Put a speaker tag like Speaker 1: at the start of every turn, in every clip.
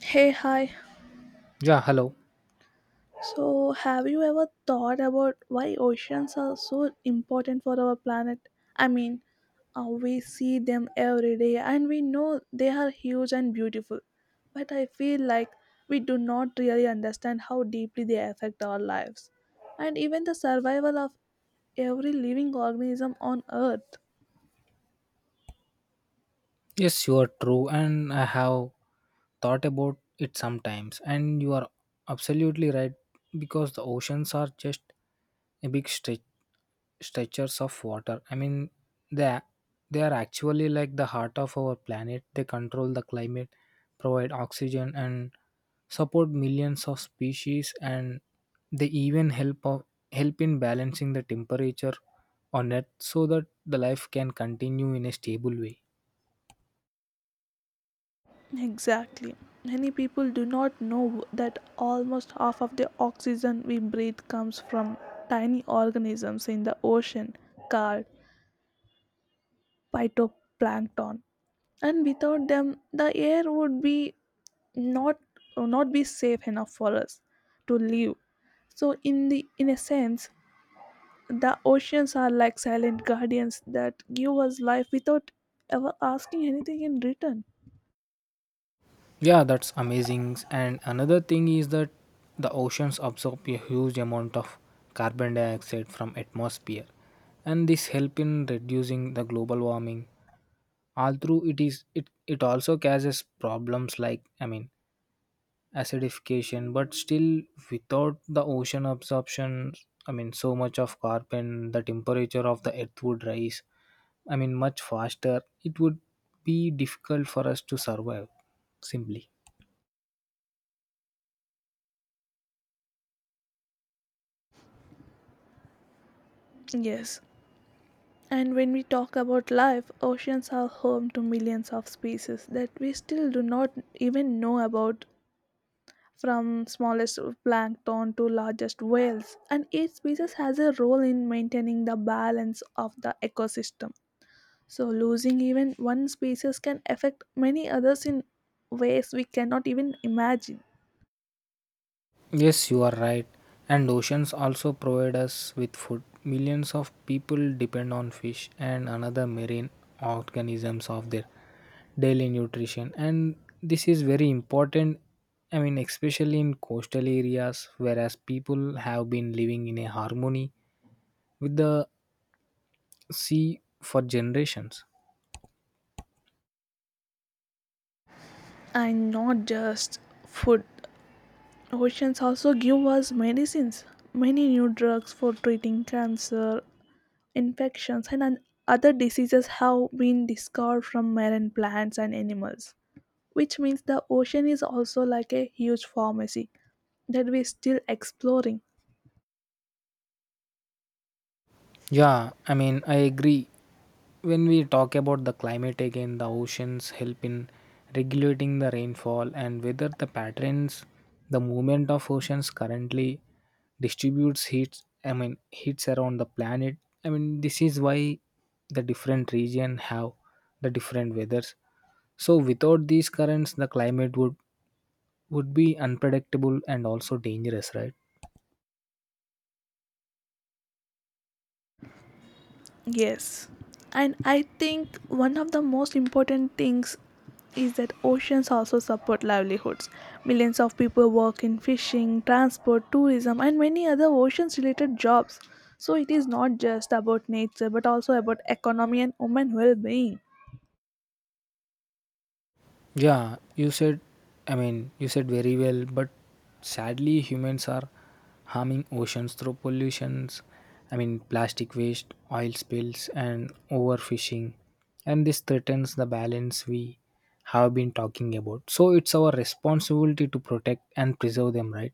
Speaker 1: Hey, hi.
Speaker 2: Yeah, hello.
Speaker 1: So, have you ever thought about why oceans are so important for our planet? I mean, we see them every day and we know they are huge and beautiful. But I feel like we do not really understand how deeply they affect our lives and even the survival of every living organism on Earth.
Speaker 2: Yes, you are true, and I have thought about it sometimes, and you are absolutely right because the oceans are just a big stretchers of water. I mean, they they are actually like the heart of our planet. They control the climate, provide oxygen, and support millions of species, and they even help in balancing the temperature on Earth so that the life can continue in a stable way.
Speaker 1: Exactly. Many people do not know that almost half of the oxygen we breathe comes from tiny organisms in the ocean called phytoplankton. And without them, the air would be not not be safe enough for us to live. So in a sense, the oceans are like silent guardians that give us life without ever asking anything in return.
Speaker 2: Yeah, that's amazing. And another thing is that the oceans absorb a huge amount of carbon dioxide from atmosphere and this help in reducing the global warming. Although it also causes problems like I mean acidification, but still without the ocean absorption I mean so much of carbon the temperature of the earth would rise. I mean much faster. It would be difficult for us to survive simply.
Speaker 1: Yes. And when we talk about life, oceans are home to millions of species that we still do not even know about, from smallest plankton to largest whales. And each species has a role in maintaining the balance of the ecosystem. So, losing even one species can affect many others in ways we cannot even imagine.
Speaker 2: Yes, you are right. And oceans also provide us with food. Millions of people depend on fish and another marine organisms of their daily nutrition. And this is very important. I mean, especially in coastal areas, whereas people have been living in a harmony with the sea for generations.
Speaker 1: And not just food, oceans also give us medicines, many new drugs for treating cancer infections, and other diseases have been discovered from marine plants and animals, which means the ocean is also like a huge pharmacy that we're still exploring.
Speaker 2: Yeah, I mean, I agree. When we talk about the climate again, the oceans help in regulating the rainfall and weather the patterns, the movement of oceans currently distributes heat, I mean, heats around the planet. I mean, this is why the different region have the different weathers. So without these currents, the climate would be unpredictable and also dangerous, right?
Speaker 1: Yes. And I think one of the most important things is that oceans also support livelihoods. Millions of people work in fishing, transport, tourism, and many other oceans related jobs. So it is not just about nature but also about economy and women well being.
Speaker 2: Yeah, you said, I mean, you said very well, but sadly, humans are harming oceans through pollutions. I mean, plastic waste, oil spills, and overfishing. And this threatens the balance we have been talking about. So, it's our responsibility to protect and preserve them, right?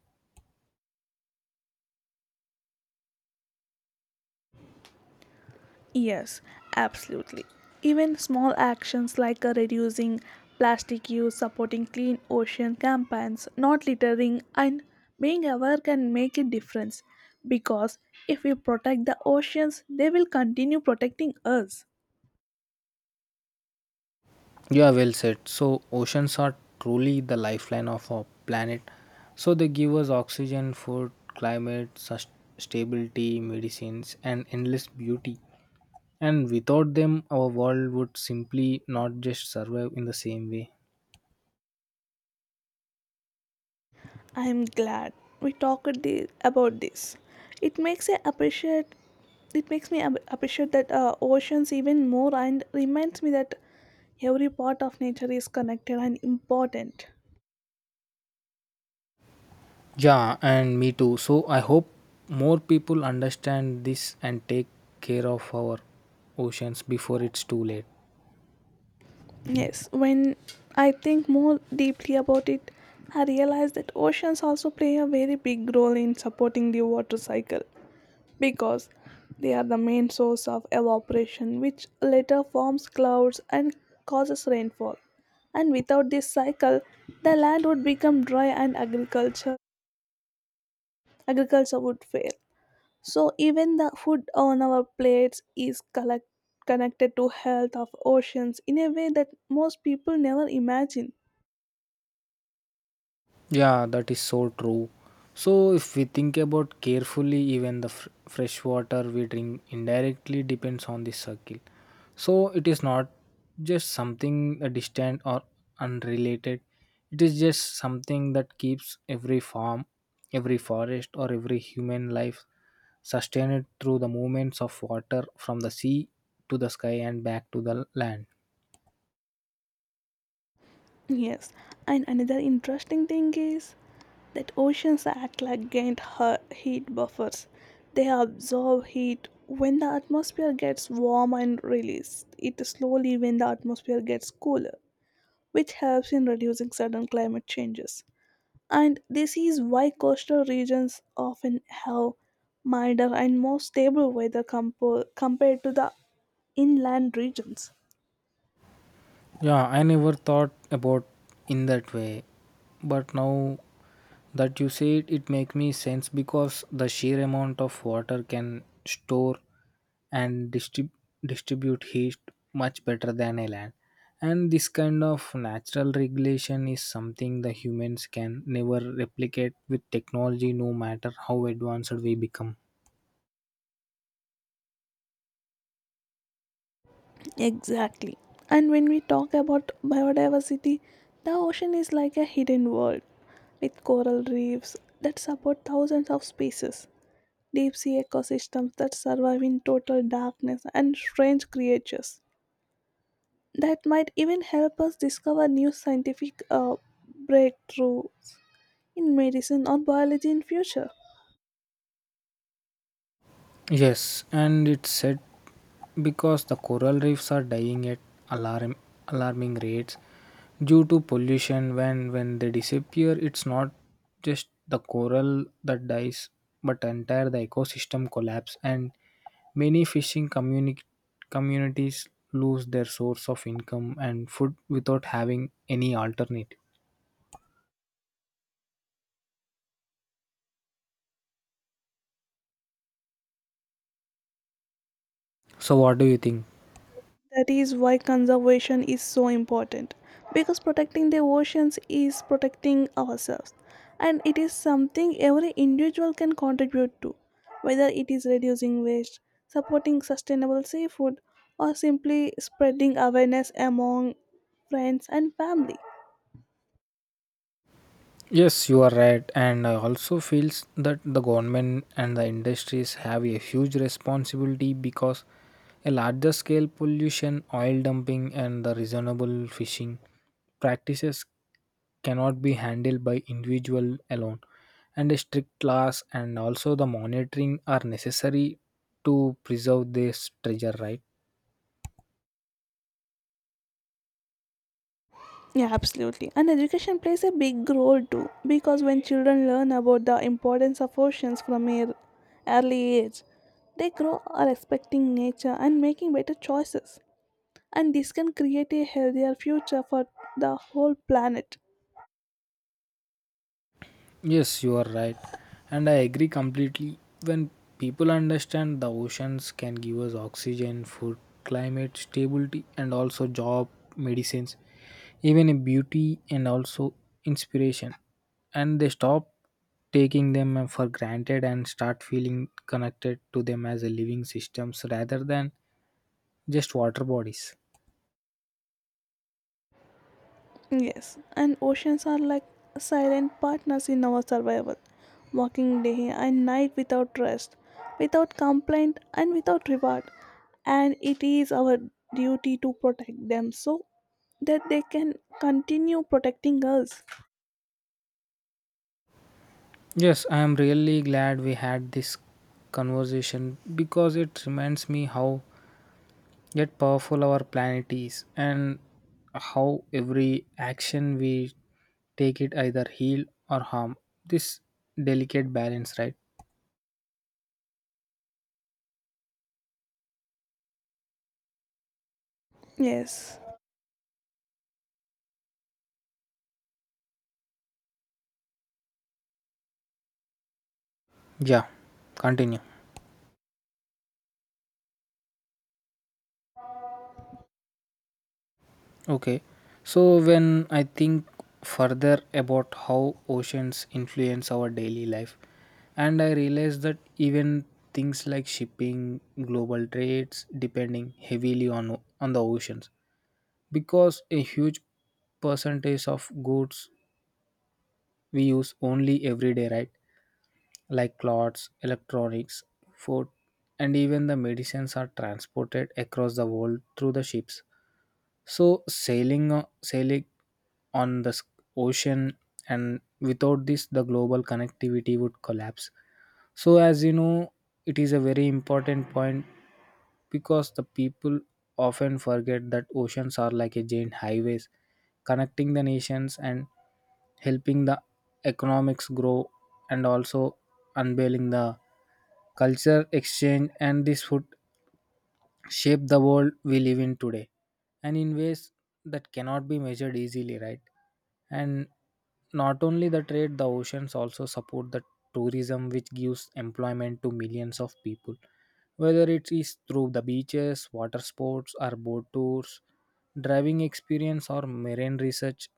Speaker 1: Yes, absolutely. Even small actions like reducing plastic use, supporting clean ocean campaigns, not littering, and being aware can make a difference because if we protect the oceans, they will continue protecting us.
Speaker 2: Yeah, well said. So, oceans are truly the lifeline of our planet. So, they give us oxygen, food, climate, stability, medicines, and endless beauty. And without them, our world would simply not just survive in the same way.
Speaker 1: I am glad we about this. It makes I appreciate it makes me appreciate that oceans even more and reminds me that every part of nature is connected and important.
Speaker 2: Yeah, and me too. So, I hope more people understand this and take care of our oceans before it's too late.
Speaker 1: Yes, when I think more deeply about it, I realize that oceans also play a very big role in supporting the water cycle because they are the main source of evaporation, which later forms clouds and causes rainfall. And without this cycle, the land would become dry and agriculture would fail. So even the food on our plates is connected to health of oceans in a way that most people never imagine.
Speaker 2: Yeah, that is so true. So, if we think about carefully, even the fresh water we drink indirectly depends on this circle. So, it is not just something distant or unrelated. It is just something that keeps every farm, every forest, or every human life sustained through the movements of water from the sea to the sky and back to the land.
Speaker 1: Yes, and another interesting thing is that oceans act like giant heat buffers. They absorb heat when the atmosphere gets warm and release it slowly when the atmosphere gets cooler, which helps in reducing sudden climate changes. And this is why coastal regions often have milder and more stable weather compared to the inland regions.
Speaker 2: Yeah, I never thought about in that way, but now that you said it make me sense because the sheer amount of water can store and distribute heat much better than a land, and this kind of natural regulation is something the humans can never replicate with technology no matter how advanced we become.
Speaker 1: Exactly. And when we talk about biodiversity, the ocean is like a hidden world with coral reefs that support thousands of species, deep sea ecosystems that survive in total darkness, and strange creatures that might even help us discover new scientific breakthroughs in medicine or biology in future.
Speaker 2: Yes, and it's said because the coral reefs are dying at alarm alarming rates due to pollution. When they disappear, it's not just the coral that dies but entire the ecosystem collapse, and many communities lose their source of income and food without having any alternative. So what do you think?
Speaker 1: That is why conservation is so important because protecting the oceans is protecting ourselves and it is something every individual can contribute to, whether it is reducing waste, supporting sustainable seafood, or simply spreading awareness among friends and family.
Speaker 2: Yes, you are right, and I also feels that the government and the industries have a huge responsibility because a larger scale pollution, oil dumping, and the reasonable fishing practices cannot be handled by individual alone, and a strict laws and also the monitoring are necessary to preserve this treasure right.
Speaker 1: Yeah, absolutely. And education plays a big role too, because when children learn about the importance of oceans from an early age, they grow up respecting nature and making better choices. And this can create a healthier future for the whole planet.
Speaker 2: Yes, you are right. And I agree completely. When people understand the oceans can give us oxygen, food, climate, stability, and also job, medicines, even a beauty and also inspiration. And they stop taking them for granted and start feeling connected to them as a living systems rather than just water bodies.
Speaker 1: Yes, and oceans are like silent partners in our survival, walking day and night without rest, without complaint, and without reward. And it is our duty to protect them so that they can continue protecting us.
Speaker 2: Yes, I am really glad we had this conversation because it reminds me how yet powerful our planet is and how every action we take it either heal or harm this delicate balance, right?
Speaker 1: Yes,
Speaker 2: Yeah, continue, okay. So when I think further about how oceans influence our daily life, and I realize that even things like shipping global trades depending heavily on the oceans because a huge percentage of goods we use only everyday, right? Like clothes, electronics, food, and even the medicines are transported across the world through the ships. So sailing on the ocean, and without this the global connectivity would collapse. So as you know, it is a very important point because the people often forget that oceans are like a giant highways connecting the nations and helping the economics grow and also unveiling the culture exchange, and this would shape the world we live in today and in ways that cannot be measured easily, right? And not only the trade, the oceans also support the tourism, which gives employment to millions of people. Whether it is through the beaches, water sports, or boat tours, driving experience, or marine research,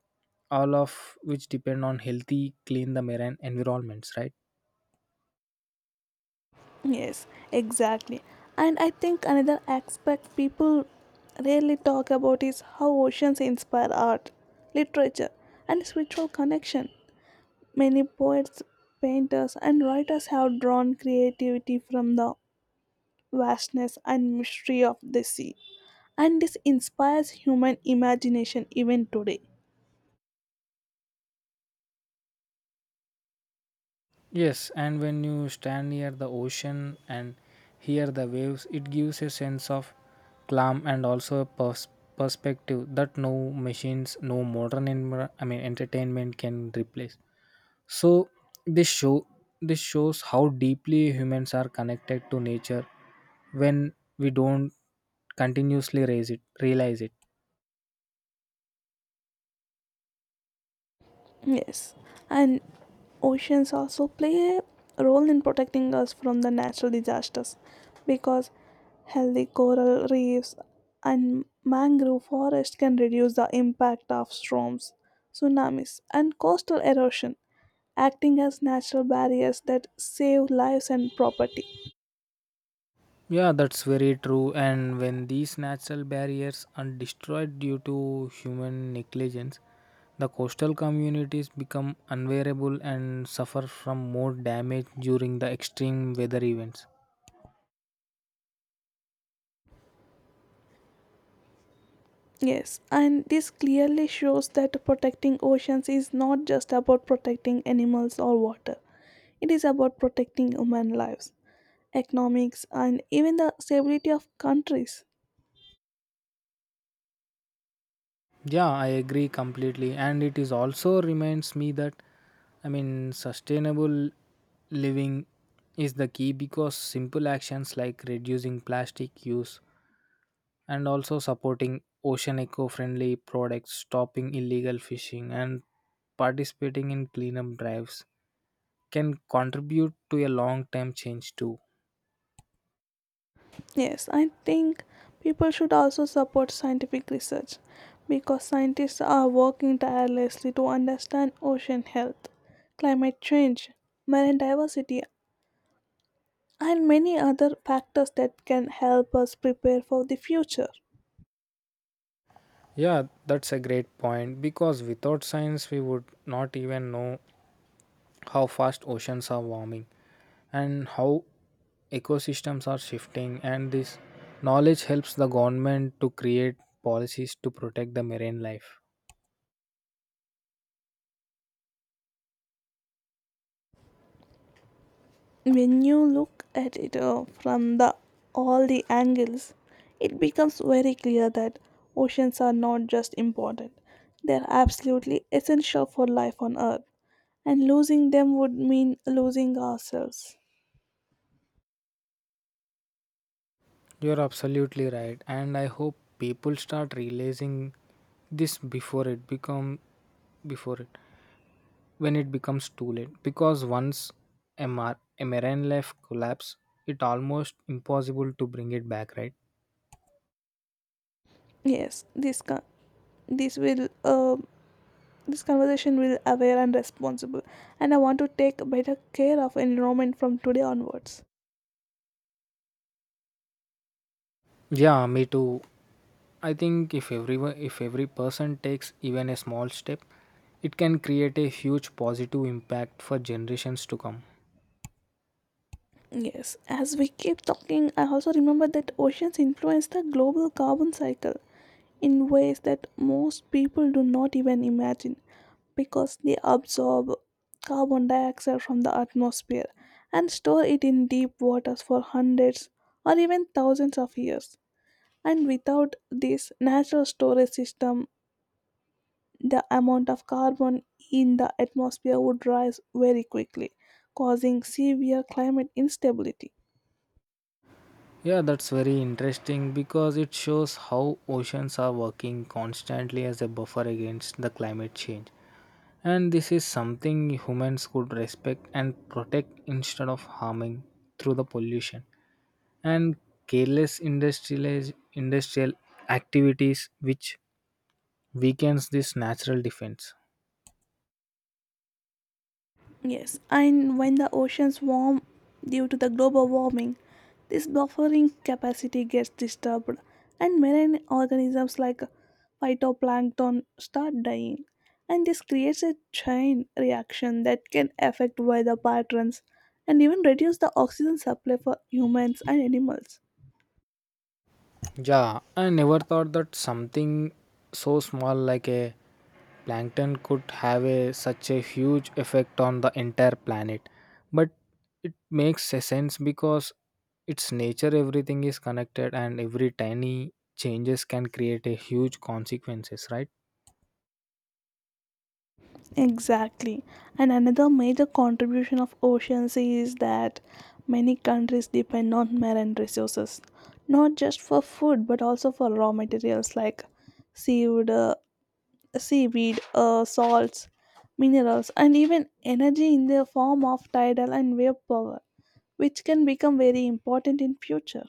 Speaker 2: all of which depend on healthy, clean the marine environments, right?
Speaker 1: yes, exactly. And I think another aspect people rarely talk about is how oceans inspire art, literature, and spiritual connection. Many poets, painters, and writers have drawn creativity from the vastness and mystery of the sea. And this inspires human imagination even today.
Speaker 2: Yes, and when you stand near the ocean and hear the waves, it gives a sense of calm and also a perspective that no machines, no I mean entertainment can replace. So this show this shows how deeply humans are connected to nature when we don't realize it.
Speaker 1: Yes, and oceans also play a role in protecting us from the natural disasters because healthy coral reefs and mangrove forests can reduce the impact of storms, tsunamis, and coastal erosion, acting as natural barriers that save lives and property.
Speaker 2: Yeah, that's very true. And when these natural barriers are destroyed due to human negligence, the coastal communities become unbearable and suffer from more damage during the extreme weather events.
Speaker 1: Yes, and this clearly shows that protecting oceans is not just about protecting animals or water, it is about protecting human lives, economics, and even the stability of countries.
Speaker 2: Yeah, I agree completely. And it is also reminds me that I mean sustainable living is the key because simple actions like reducing plastic use and also supporting ocean eco-friendly products, stopping illegal fishing, and participating in cleanup drives can contribute to a long-term change too.
Speaker 1: Yes, I think people should also support scientific research because scientists are working tirelessly to understand ocean health, climate change, marine diversity, and many other factors that can help us prepare for the future.
Speaker 2: Yeah, that's a great point because without science we would not even know how fast oceans are warming and how ecosystems are shifting, and this knowledge helps the government to create policies to protect the marine life.
Speaker 1: When you look at it from the all the angles, it becomes very clear that oceans are not just important; they are absolutely essential for life on Earth. And losing them would mean losing ourselves.
Speaker 2: You're absolutely right, and I hope people start realizing this before it become before it when it becomes too late. Because once a, a marine life collapse, it almost impossible to bring it back. Right?
Speaker 1: Yes, this will this conversation will aware and responsible, and I want to take better care of environment from today onwards.
Speaker 2: Yeah, me too. I think if everyone, if every person takes even a small step, it can create a huge positive impact for generations to come.
Speaker 1: Yes, as we keep talking, I also remember that oceans influence the global carbon cycle in ways that most people do not even imagine because they absorb carbon dioxide from the atmosphere and store it in deep waters for hundreds or even thousands of years. And without this natural storage system, the amount of carbon in the atmosphere would rise very quickly, causing severe climate instability.
Speaker 2: Yeah, that's very interesting because it shows how oceans are working constantly as a buffer against the climate change. And this is something humans could respect and protect instead of harming through the pollution and careless industrial activities which weakens this natural defense.
Speaker 1: Yes, and when the oceans warm due to the global warming, this buffering capacity gets disturbed, and marine organisms like phytoplankton start dying. And this creates a chain reaction that can affect weather patterns and even reduce the oxygen supply for humans and animals.
Speaker 2: Yeah, I never thought that something so small like a plankton could have a such a huge effect on the entire planet. But it makes a sense because its nature everything is connected and every tiny changes can create a huge consequences, right?
Speaker 1: Exactly. And another major contribution of oceans is that many countries depend on marine resources, not just for food but also for raw materials like seaweed, uh, seaweed salts, minerals, and even energy in the form of tidal and wave power, which can become very important in future.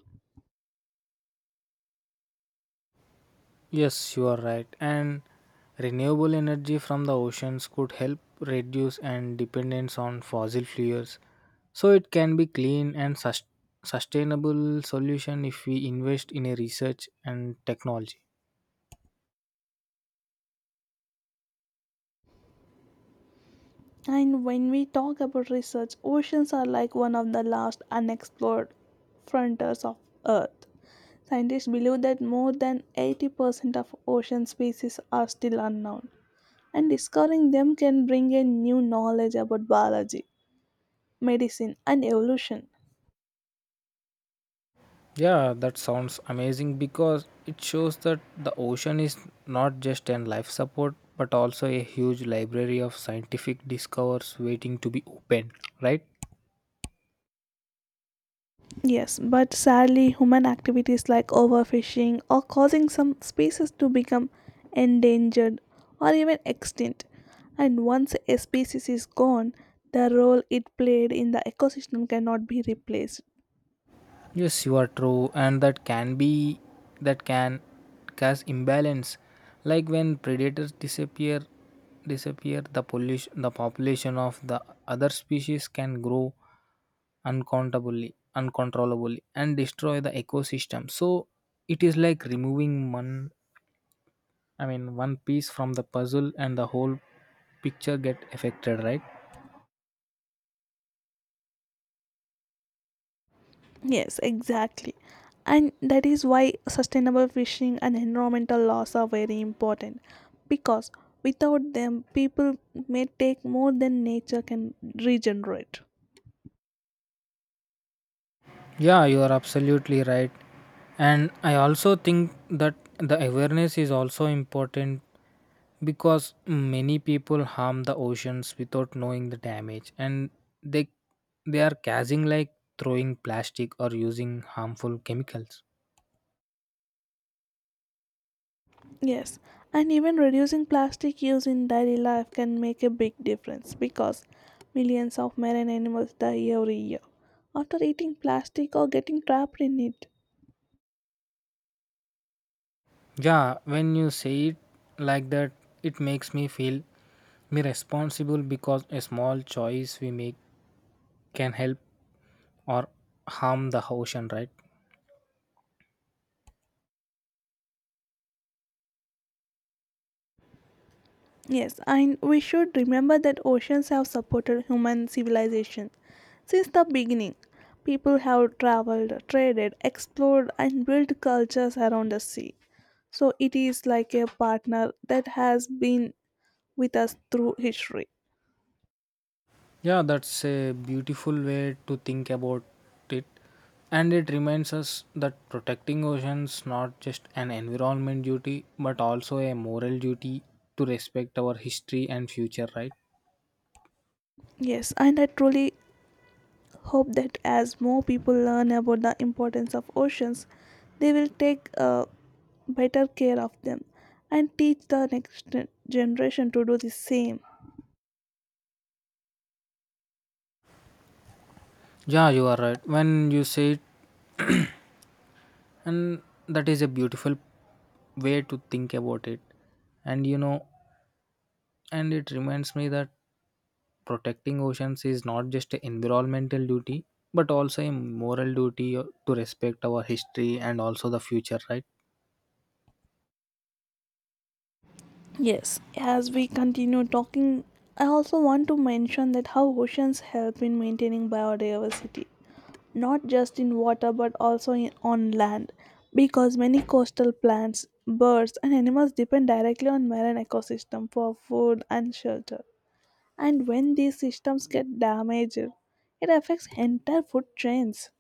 Speaker 2: Yes, you are right. And renewable energy from the oceans could help reduce and dependence on fossil fuels. So it can be clean and sustainable solution if we invest in a research and technology.
Speaker 1: And when we talk about research, oceans are like one of the last unexplored frontiers of Earth. Scientists believe that more than 80% of ocean species are still unknown, and discovering them can bring a new knowledge about biology, medicine, and evolution.
Speaker 2: Yeah, that sounds amazing because it shows that the ocean is not just an life support but also a huge library of scientific discoveries waiting to be opened, right?
Speaker 1: Yes, but sadly, human activities like overfishing are causing some species to become endangered or even extinct. And once a species is gone, the role it played in the ecosystem cannot be replaced.
Speaker 2: Yes, you are true, and that can cause imbalance. Like when predators disappear, the pollution, the population of the other species can grow uncontrollably, and destroy the ecosystem. So it is like removing one, I mean, one piece from the puzzle, and the whole picture get affected, right?
Speaker 1: Yes, exactly. And that is why sustainable fishing and environmental laws are very important because without them, people may take more than nature can regenerate.
Speaker 2: Yeah, you are absolutely right. And I also think that the awareness is also important because many people harm the oceans without knowing the damage and they they are causing like throwing plastic or using harmful chemicals.
Speaker 1: Yes, and even reducing plastic use in daily life can make a big difference because millions of marine animals die every year after eating plastic or getting trapped in it.
Speaker 2: Yeah, when you say it like that, it makes me feel me responsible because a small choice we make can help or harm the ocean, right?
Speaker 1: Yes, and we should remember that oceans have supported human civilization since the beginning. People have traveled, traded, explored, and built cultures around the sea. So it is like a partner that has been with us through history.
Speaker 2: Yeah, that's a beautiful way to think about it. And it reminds us that protecting oceans not just an environment duty but also a moral duty to respect our history and future, right?
Speaker 1: Yes, and I truly hope that as more people learn about the importance of oceans, they will take better care of them and teach the next generation to do the same.
Speaker 2: Yeah, you are right. When you say it, and that is a beautiful way to think about it. And you know, and it reminds me that protecting oceans is not just an environmental duty but also a moral duty to respect our history and also the future, right?
Speaker 1: Yes, as we continue talking, I also want to mention that how oceans help in maintaining biodiversity, not just in water but also on land, because many coastal plants, birds, and animals depend directly on marine ecosystem for food and shelter, and when these systems get damaged, it affects entire food chains.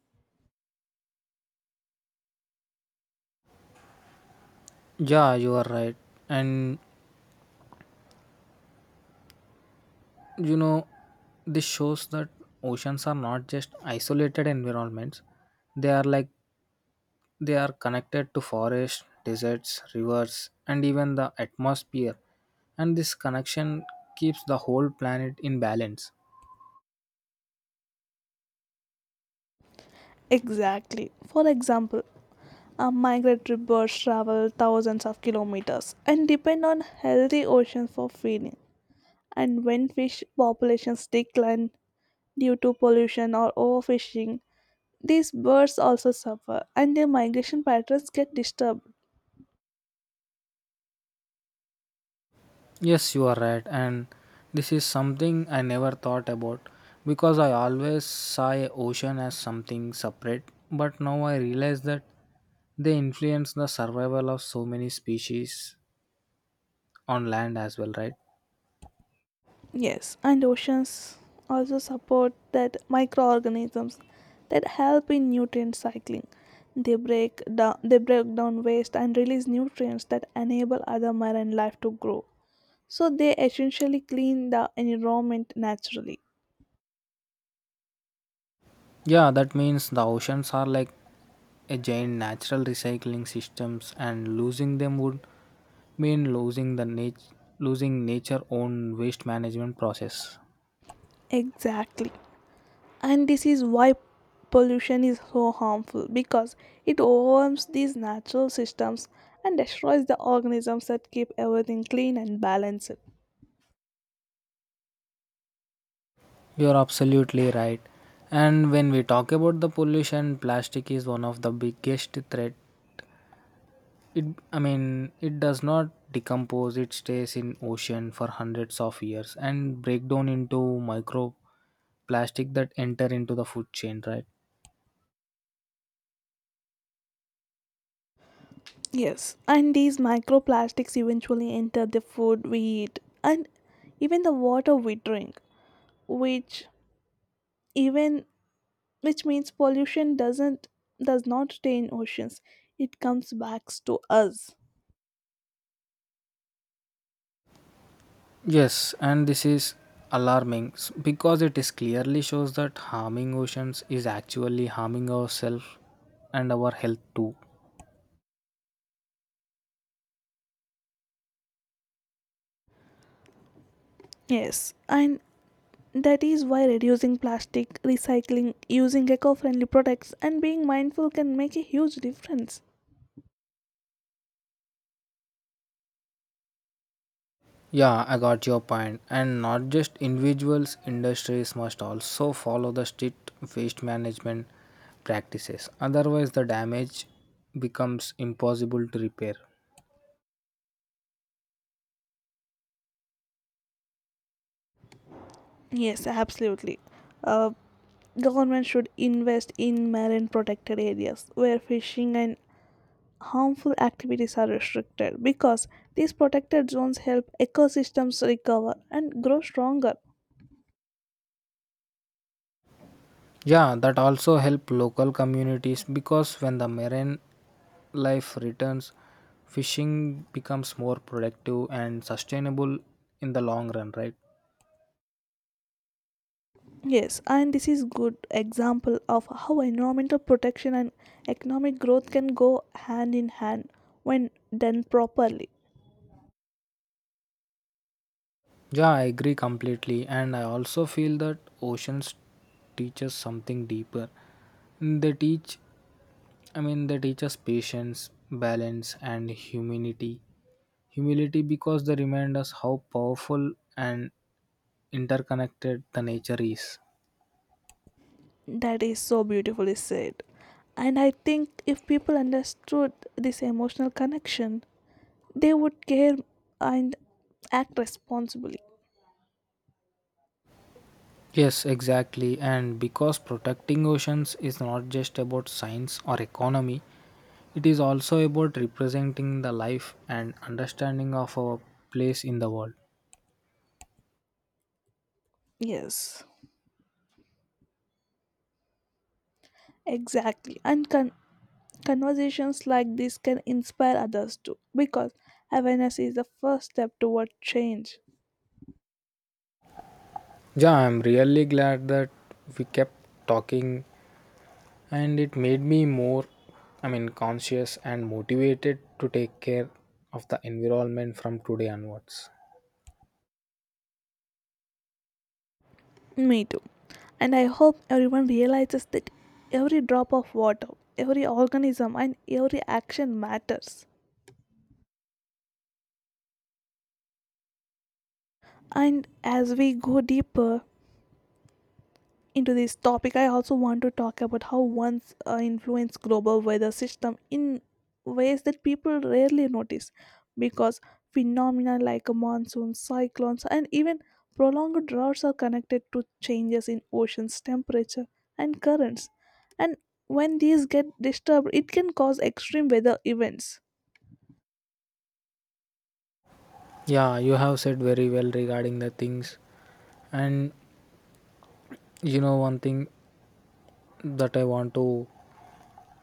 Speaker 2: Yeah, you are right. And you know, this shows that oceans are not just isolated environments. They are like they are connected to forests, deserts, rivers, and even the atmosphere. And this connection keeps the whole planet in balance.
Speaker 1: Exactly. For example, a migratory birds travel thousands of kilometers and depend on healthy oceans for feeding. And when fish populations decline due to pollution or overfishing, these birds also suffer and their migration patterns get disturbed.
Speaker 2: Yes, you are right, and this is something I never thought about because I always saw a ocean as something separate, but now I realize that they influence the survival of so many species on land as well, right?
Speaker 1: Yes, and oceans also support that microorganisms that help in nutrient cycling. They break down waste and release nutrients that enable other marine life to grow. So they essentially clean the environment naturally.
Speaker 2: Yeah, that means the oceans are like a giant natural recycling systems and losing them would mean losing nature own waste management process.
Speaker 1: Exactly. And this is why pollution is so harmful because it harms these natural systems and destroys the organisms that keep everything clean and balanced.
Speaker 2: You're absolutely right. And when we talk about the pollution, plastic is one of the biggest threat. It, I mean, it does not decompose. It stays in ocean for hundreds of years and break down into microplastic that enter into the food chain, right?
Speaker 1: Yes, and these microplastics eventually enter the food we eat and even the water we drink, which even which means pollution does not stay in oceans. It comes back to us.
Speaker 2: Yes, and this is because it is clearly shows that harming oceans is actually harming ourselves and our health too.
Speaker 1: Yes, and that is why reducing plastic, recycling, using eco-friendly products and being mindful can make a huge difference.
Speaker 2: Yeah, I got your point. And not just individuals, industries must also follow the strict waste management practices. Otherwise, the damage becomes impossible to repair.
Speaker 1: Yes, absolutely. Uh, Government should invest in marine protected areas where fishing and harmful activities are restricted because these protected zones help ecosystems recover and grow stronger.
Speaker 2: Yeah, that also help local communities because when the marine life returns, fishing becomes more productive and sustainable in the long run, right?
Speaker 1: Yes, and this is good example of how environmental protection and economic growth can go hand in hand when done properly.
Speaker 2: Yeah, I agree completely. And I also feel that oceans teach us something deeper. They teach, I mean, they teach us patience, balance, and humanity. Humility because they remind us how powerful and interconnected the nature is.
Speaker 1: That is so beautifully said. And I think if people understood this emotional connection, they would care and act responsibly.
Speaker 2: Yes, exactly. And because protecting oceans is not just about science or economy, it is also about representing the life and understanding of our place in the world.
Speaker 1: Yes, exactly. And conversations like this can inspire others too, because awareness is the first step toward change.
Speaker 2: Yeah, I'm really glad that we kept talking, and it made me more I mean conscious and motivated to take care of the environment from today onwards.
Speaker 1: Me too. And I hope everyone realizes that every drop of water, every organism, and every action matters. And as we go deeper into this topic, I also want to talk about how one's influence global weather system in ways that people rarely notice, because phenomena like monsoons, cyclones, and even prolonged droughts are connected to changes in oceans' temperature and currents, and when these get disturbed, it can cause extreme weather events.
Speaker 2: Yeah, you have said very well regarding the things, and you know one thing that I want to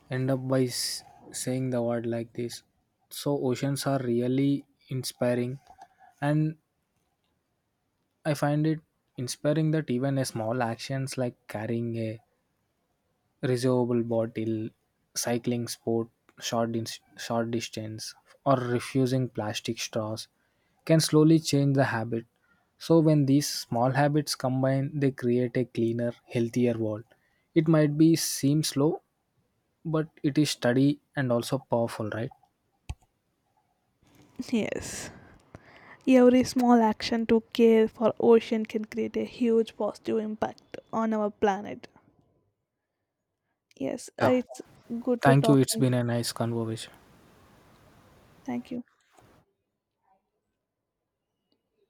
Speaker 2: end up by saying the word like this. So oceans are really inspiring, and I find it inspiring that even a small actions like carrying a reusable bottle, cycling sport, short distance, or refusing plastic straws can slowly change the habit. So, when these small habits combine, they create a cleaner, healthier world. It might be seem slow, but it is steady and also powerful, right?
Speaker 1: Yes. Every small action to care for ocean can create a huge positive impact on our planet. Yes,
Speaker 2: Yeah.
Speaker 1: it's good to
Speaker 2: Thank you. It's
Speaker 1: talking
Speaker 2: been
Speaker 1: to.
Speaker 2: a nice conversation.
Speaker 1: Thank you.